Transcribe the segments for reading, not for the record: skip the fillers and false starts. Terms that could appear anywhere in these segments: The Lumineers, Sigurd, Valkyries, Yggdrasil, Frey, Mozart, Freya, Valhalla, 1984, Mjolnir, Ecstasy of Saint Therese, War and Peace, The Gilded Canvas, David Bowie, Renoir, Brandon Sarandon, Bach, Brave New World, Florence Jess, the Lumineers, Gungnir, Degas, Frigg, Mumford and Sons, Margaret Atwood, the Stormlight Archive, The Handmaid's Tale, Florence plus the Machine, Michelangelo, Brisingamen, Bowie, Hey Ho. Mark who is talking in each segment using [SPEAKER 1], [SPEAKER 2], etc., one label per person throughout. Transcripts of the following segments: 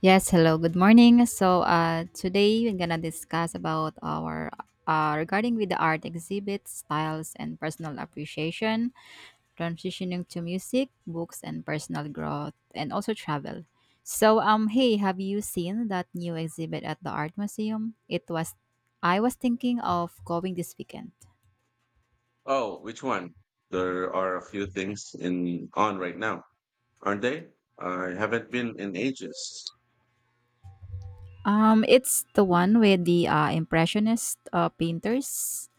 [SPEAKER 1] Yes, hello, good morning. Today we're gonna discuss about our regarding with the art exhibits, styles, and personal appreciation, transitioning to music, books, and personal growth, and also travel. Hey, have you seen that new exhibit at the art museum? I was thinking of going this weekend.
[SPEAKER 2] Oh, which one? There are a few things in on right now, aren't they? I haven't been in ages.
[SPEAKER 1] It's the one with the impressionist painters.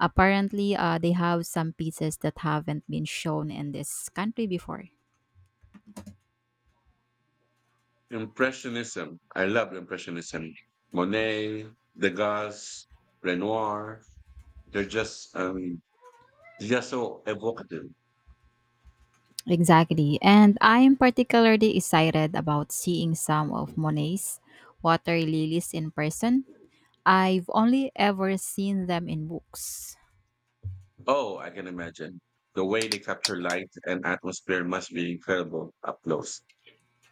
[SPEAKER 1] Apparently, they have some pieces that haven't been shown in this country before.
[SPEAKER 2] Impressionism. I love Impressionism. Monet, Degas, Renoir. They're just um they're just so evocative.
[SPEAKER 1] Exactly. And I am particularly excited about seeing some of Monet's water lilies in person. I've only ever seen them in books.
[SPEAKER 2] Oh, I can imagine. The way they capture light and atmosphere must be incredible up close.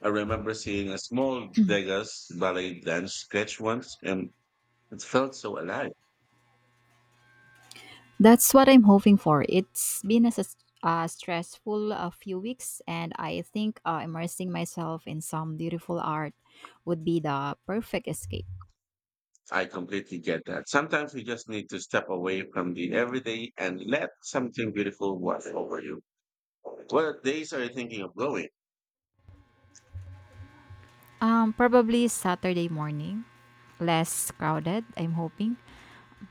[SPEAKER 2] I remember seeing a small Degas ballet dance sketch once and it felt so alive.
[SPEAKER 1] That's what I'm hoping for. It's been a stressful a few weeks, and I think immersing myself in some beautiful art would be the perfect escape.
[SPEAKER 2] I completely get that. Sometimes you just need to step away from the everyday and let something beautiful wash over you. What days are you thinking of going?
[SPEAKER 1] Probably Saturday morning. Less crowded, I'm hoping.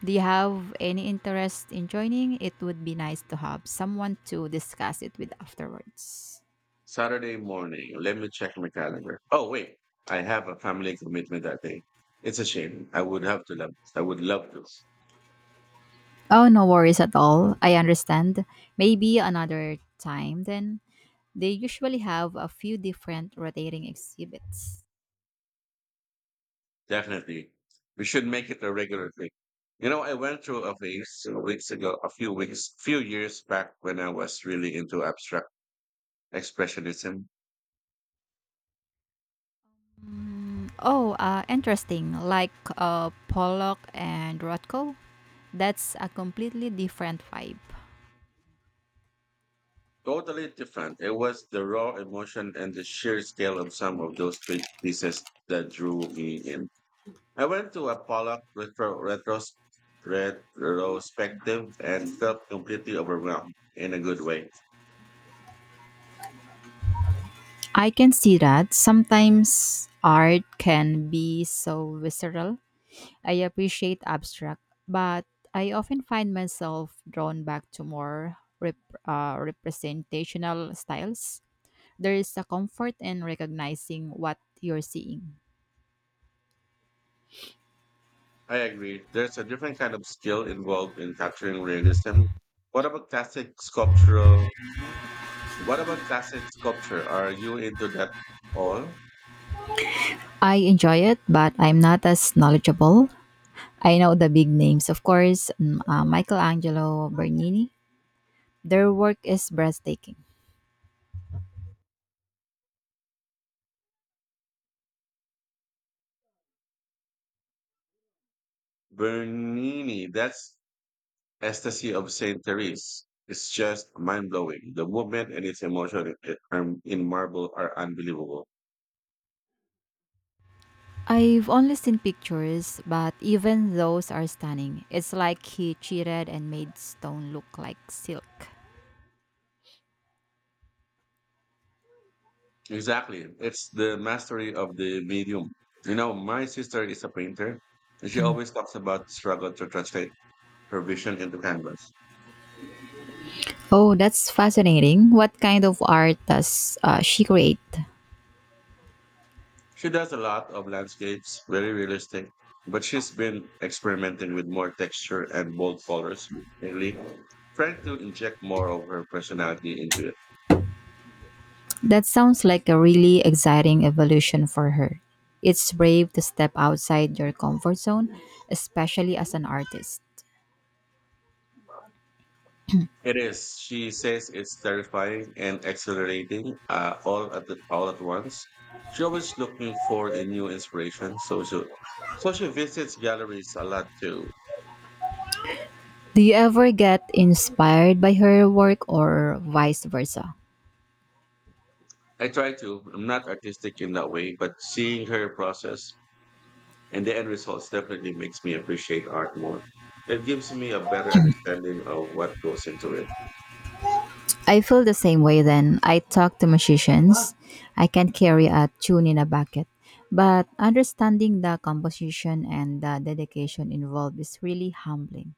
[SPEAKER 1] Do you have any interest in joining? It would be nice to have someone to discuss it with afterwards.
[SPEAKER 2] Saturday morning. Let me check my calendar. Oh wait, I have a family commitment that day. It's a shame. I would have to love. I would love to.
[SPEAKER 1] Oh, no worries at all. I understand. Maybe another time then. They usually have a few different rotating exhibits.
[SPEAKER 2] Definitely, we should make it a regular thing. You know, I went through a phase a weeks ago, a few weeks, few years back when I was really into abstract expressionism.
[SPEAKER 1] Mm, oh, interesting. Like Pollock and Rothko. That's a completely different vibe.
[SPEAKER 2] Totally different. It was the raw emotion and the sheer scale of some of those big pieces that drew me in. I went to a Pollock retrospective and felt completely overwhelmed in a good way.
[SPEAKER 1] I can see that sometimes art can be so visceral. I appreciate abstract, but I often find myself drawn back to more representational styles. There is a comfort in recognizing what you're seeing.
[SPEAKER 2] I agree. There's a different kind of skill involved in capturing realism. What about classic sculptural? What about classic sculpture? Are you into that all?
[SPEAKER 1] I enjoy it, but I'm not as knowledgeable. I know the big names, of course, Michelangelo, Bernini. Their work is breathtaking.
[SPEAKER 2] Bernini, that's Ecstasy of Saint Therese is just mind blowing. The movement and its emotion in marble are unbelievable.
[SPEAKER 1] I've only seen pictures, but even those are stunning. It's like he cheated and made stone look like silk.
[SPEAKER 2] Exactly. It's the mastery of the medium. You know, my sister is a painter and she always talks about struggle to translate her vision into canvas.
[SPEAKER 1] Oh, that's fascinating. What kind of art does she create?
[SPEAKER 2] She does a lot of landscapes, very realistic, but she's been experimenting with more texture and bold colors lately, trying to inject more of her personality into it.
[SPEAKER 1] That sounds like a really exciting evolution for her. It's brave to step outside your comfort zone, especially as an artist.
[SPEAKER 2] It is. She says it's terrifying and exhilarating all all at once. She always looking for a new inspiration, so she visits galleries a lot too.
[SPEAKER 1] Do you ever get inspired by her work or vice versa?
[SPEAKER 2] I try to. I'm not artistic in that way, but seeing her process and the end results definitely makes me appreciate art more. It gives me a better understanding of what goes into it.
[SPEAKER 1] I feel the same way then. I talk to musicians. I can't carry a tune in a bucket. But understanding the composition and the dedication involved is really humbling.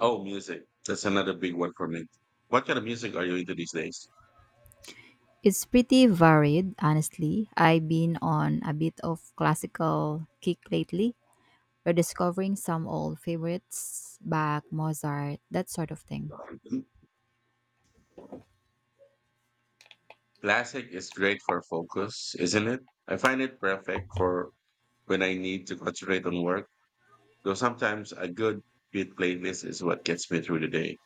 [SPEAKER 2] Oh, music. That's another big one for me. What kind of music are you into these days?
[SPEAKER 1] It's pretty varied, honestly. I've been on a bit of classical kick lately, rediscovering some old favorites, Bach, Mozart, that sort of thing.
[SPEAKER 2] Classic is great for focus, isn't it? I find it perfect for when I need to concentrate on work, though sometimes a good beat playlist is what gets me through the day.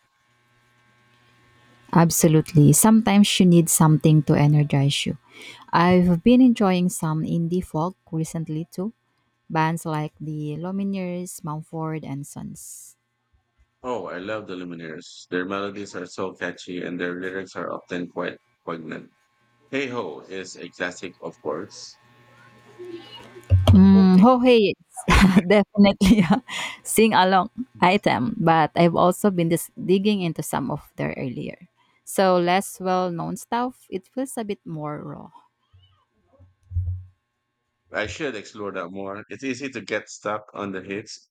[SPEAKER 1] Absolutely. Sometimes you need something to energize you. I've been enjoying some indie folk recently too, bands like the Lumineers, Mumford and Sons.
[SPEAKER 2] Oh, I love the Lumineers. Their melodies are so catchy and their lyrics are often quite poignant. Hey Ho is a classic, of course. Oh,
[SPEAKER 1] Mm,
[SPEAKER 2] hey.
[SPEAKER 1] Hohei is definitely a sing-along item, but I've also been digging into some of their earlier, so less well-known stuff. It feels a bit more raw.
[SPEAKER 2] I should explore that more. It's easy to get stuck on the hits.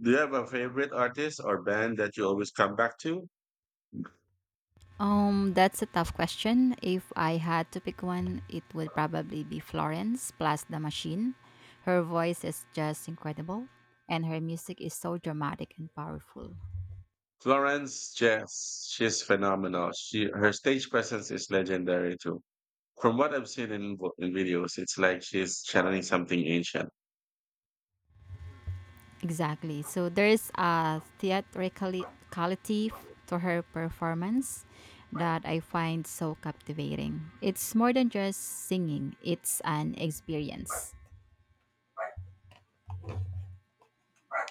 [SPEAKER 2] Do you have a favorite artist or band that you always come back to?
[SPEAKER 1] That's a tough question. If I had to pick one, it would probably be Florence plus the Machine. Her voice is just incredible, and her music is so dramatic and powerful.
[SPEAKER 2] Florence Jess, she's phenomenal. She her stage presence is legendary too. From what I've seen in in videos, it's like she's channeling something ancient.
[SPEAKER 1] Exactly. So there's a theatricality to her performance that I find so captivating. It's more than just singing, it's an experience.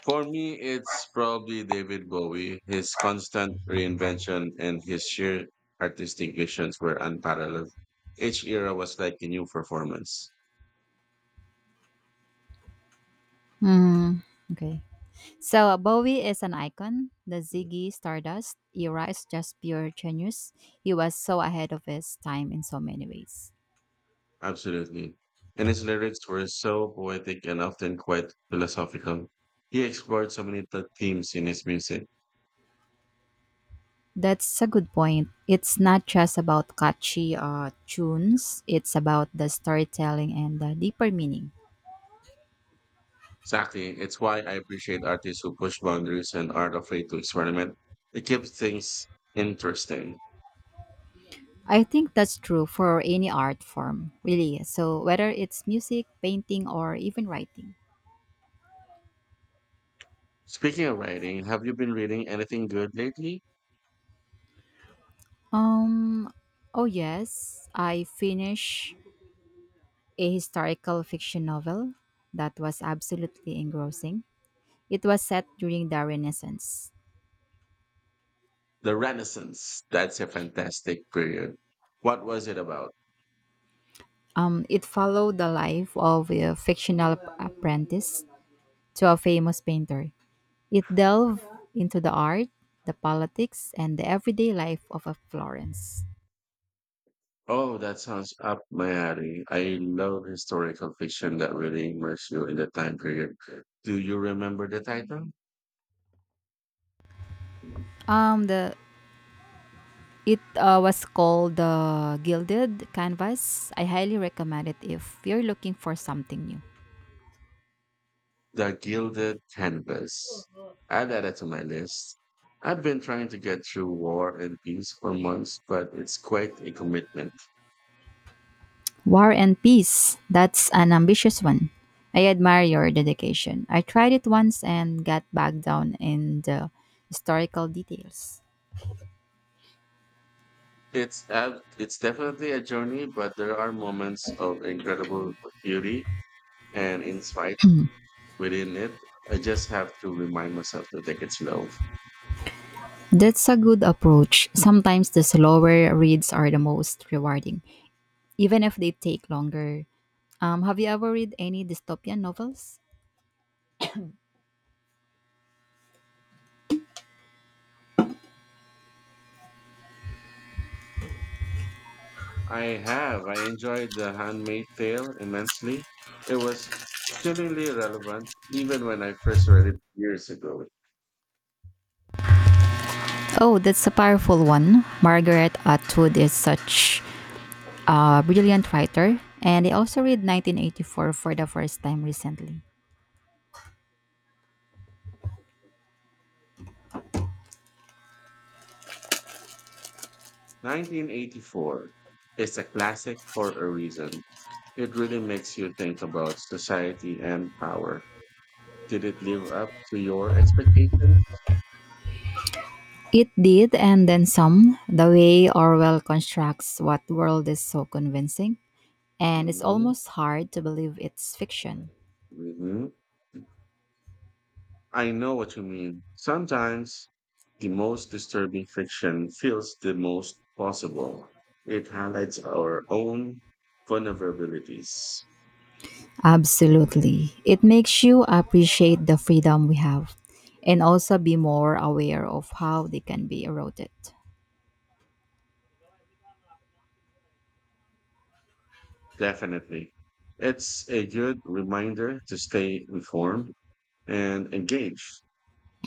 [SPEAKER 2] For me, it's probably David Bowie. His constant reinvention and his sheer artistic visions were unparalleled. Each era was like a new performance.
[SPEAKER 1] Mm, okay. So Bowie is an icon. The Ziggy Stardust era is just pure genius. He was so ahead of his time in so many ways.
[SPEAKER 2] Absolutely. And his lyrics were so poetic and often quite philosophical. He explored so many themes in his music.
[SPEAKER 1] That's a good point. It's not just about catchy tunes, it's about the storytelling and the deeper meaning.
[SPEAKER 2] Exactly. It's why I appreciate artists who push boundaries and aren't afraid to experiment. It keeps things interesting.
[SPEAKER 1] I think that's true for any art form, really. So whether it's music, painting, or even writing.
[SPEAKER 2] Speaking of writing, have you been reading anything good lately?
[SPEAKER 1] Um, oh yes, I finished a historical fiction novel that was absolutely engrossing. It was set during the Renaissance.
[SPEAKER 2] The Renaissance. That's a fantastic period. What was it about?
[SPEAKER 1] It followed the life of a fictional apprentice to a famous painter. It delved into the art, the politics, and the everyday life of a Florence.
[SPEAKER 2] Oh, that sounds up my alley. I love historical fiction that really immerses you in the time period. Do you remember the title?
[SPEAKER 1] The It was called the Gilded Canvas. I highly recommend it if you're looking for something new.
[SPEAKER 2] The Gilded Canvas. Add that to my list. I've been trying to get through War and Peace for months, but it's quite a commitment.
[SPEAKER 1] War and Peace. That's an ambitious one. I admire your dedication. I tried it once and got bogged down in the historical details.
[SPEAKER 2] It's definitely a journey, but there are moments of incredible beauty and insight within it. I just have to remind myself to take it slow.
[SPEAKER 1] That's a good approach. Sometimes the slower reads are the most rewarding, even if they take longer. Have you ever read any dystopian novels?
[SPEAKER 2] I have. I enjoyed The Handmaid's Tale immensely. It was chillingly relevant even when I first read it years ago.
[SPEAKER 1] Oh, that's a powerful one. Margaret Atwood is such a brilliant writer, and I also read 1984 for the first time recently.
[SPEAKER 2] 1984 is a classic for a reason. It really makes you think about society and power. Did it live up to your expectations?
[SPEAKER 1] It did, and then some, the way Orwell constructs what world is so convincing, and it's
[SPEAKER 2] Hmm,
[SPEAKER 1] almost hard to believe it's fiction.
[SPEAKER 2] I know what you mean. Sometimes the most disturbing fiction feels the most possible. It highlights our own vulnerabilities.
[SPEAKER 1] Absolutely. It makes you appreciate the freedom we have and also be more aware of how they can be eroded.
[SPEAKER 2] Definitely. It's a good reminder to stay informed and engaged.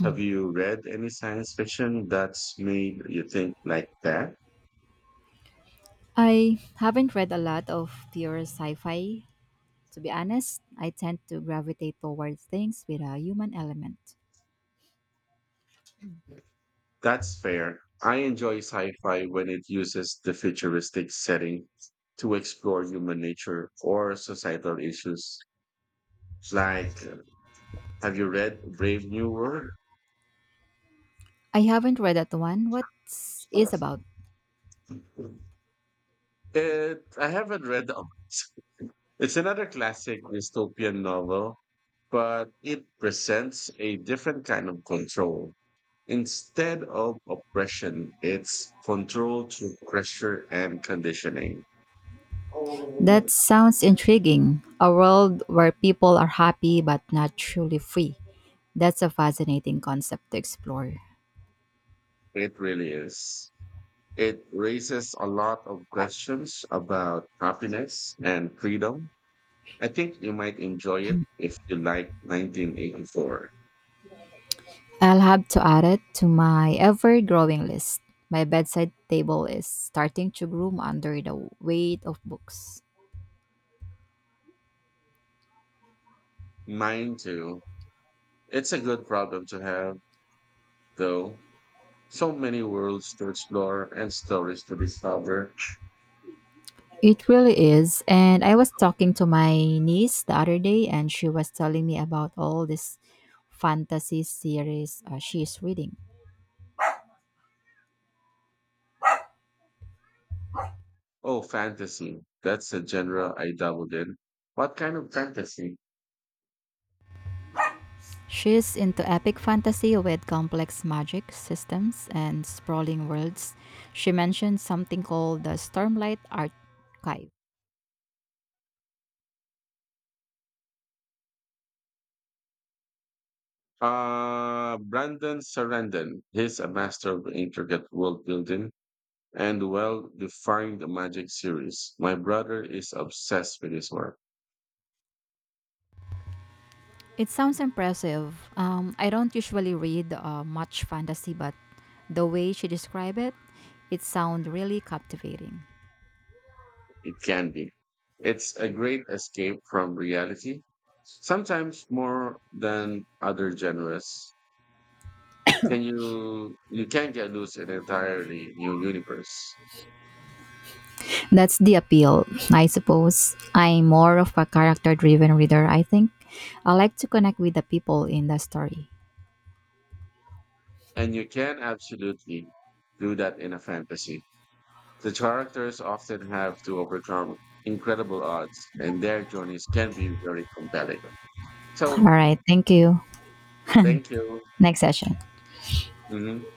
[SPEAKER 2] Have you read any science fiction that's made you think like that?
[SPEAKER 1] I haven't read a lot of pure sci fi. To be honest, I tend to gravitate towards things with a human element.
[SPEAKER 2] That's fair. I enjoy sci fi when it uses the futuristic setting to explore human nature or societal issues. Like, have you read Brave New World?
[SPEAKER 1] I haven't read that one. What's is about?
[SPEAKER 2] It, I haven't read the It's another classic dystopian novel, but it presents a different kind of control. Instead of oppression, it's control through pressure and conditioning.
[SPEAKER 1] That sounds intriguing. A world where people are happy but not truly free. That's a fascinating concept to explore.
[SPEAKER 2] It really is. It raises a lot of questions about happiness and freedom. I think you might enjoy it if you like 1984.
[SPEAKER 1] I'll have to add it to my ever-growing list. My bedside table is starting to groom under the weight of books.
[SPEAKER 2] Mine too. It's a good problem to have, though. So many worlds to explore and stories to discover.
[SPEAKER 1] It really is. And I was talking to my niece the other day and she was telling me about all this fantasy series she's reading.
[SPEAKER 2] Oh, fantasy. That's a genre I dabbled in. What kind of fantasy?
[SPEAKER 1] She's into epic fantasy with complex magic systems and sprawling worlds. She mentioned something called the Stormlight Archive.
[SPEAKER 2] Brandon Sarandon. He's a master of intricate world building and well defined magic series. My brother is obsessed with his work.
[SPEAKER 1] It sounds impressive. I don't usually read much fantasy, but the way she described it, it sounds really captivating.
[SPEAKER 2] It can be. It's a great escape from reality, sometimes more than other genres. Can you You can get loose in an entirely new universe.
[SPEAKER 1] That's the appeal, I suppose. I'm more of a character driven reader, I think. I like to connect with the people in the story.
[SPEAKER 2] And you can absolutely do that in a fantasy. The characters often have to overcome incredible odds and their journeys can be very compelling.
[SPEAKER 1] All
[SPEAKER 2] So
[SPEAKER 1] right, thank you.
[SPEAKER 2] thank you.
[SPEAKER 1] Next session.
[SPEAKER 2] Mhm.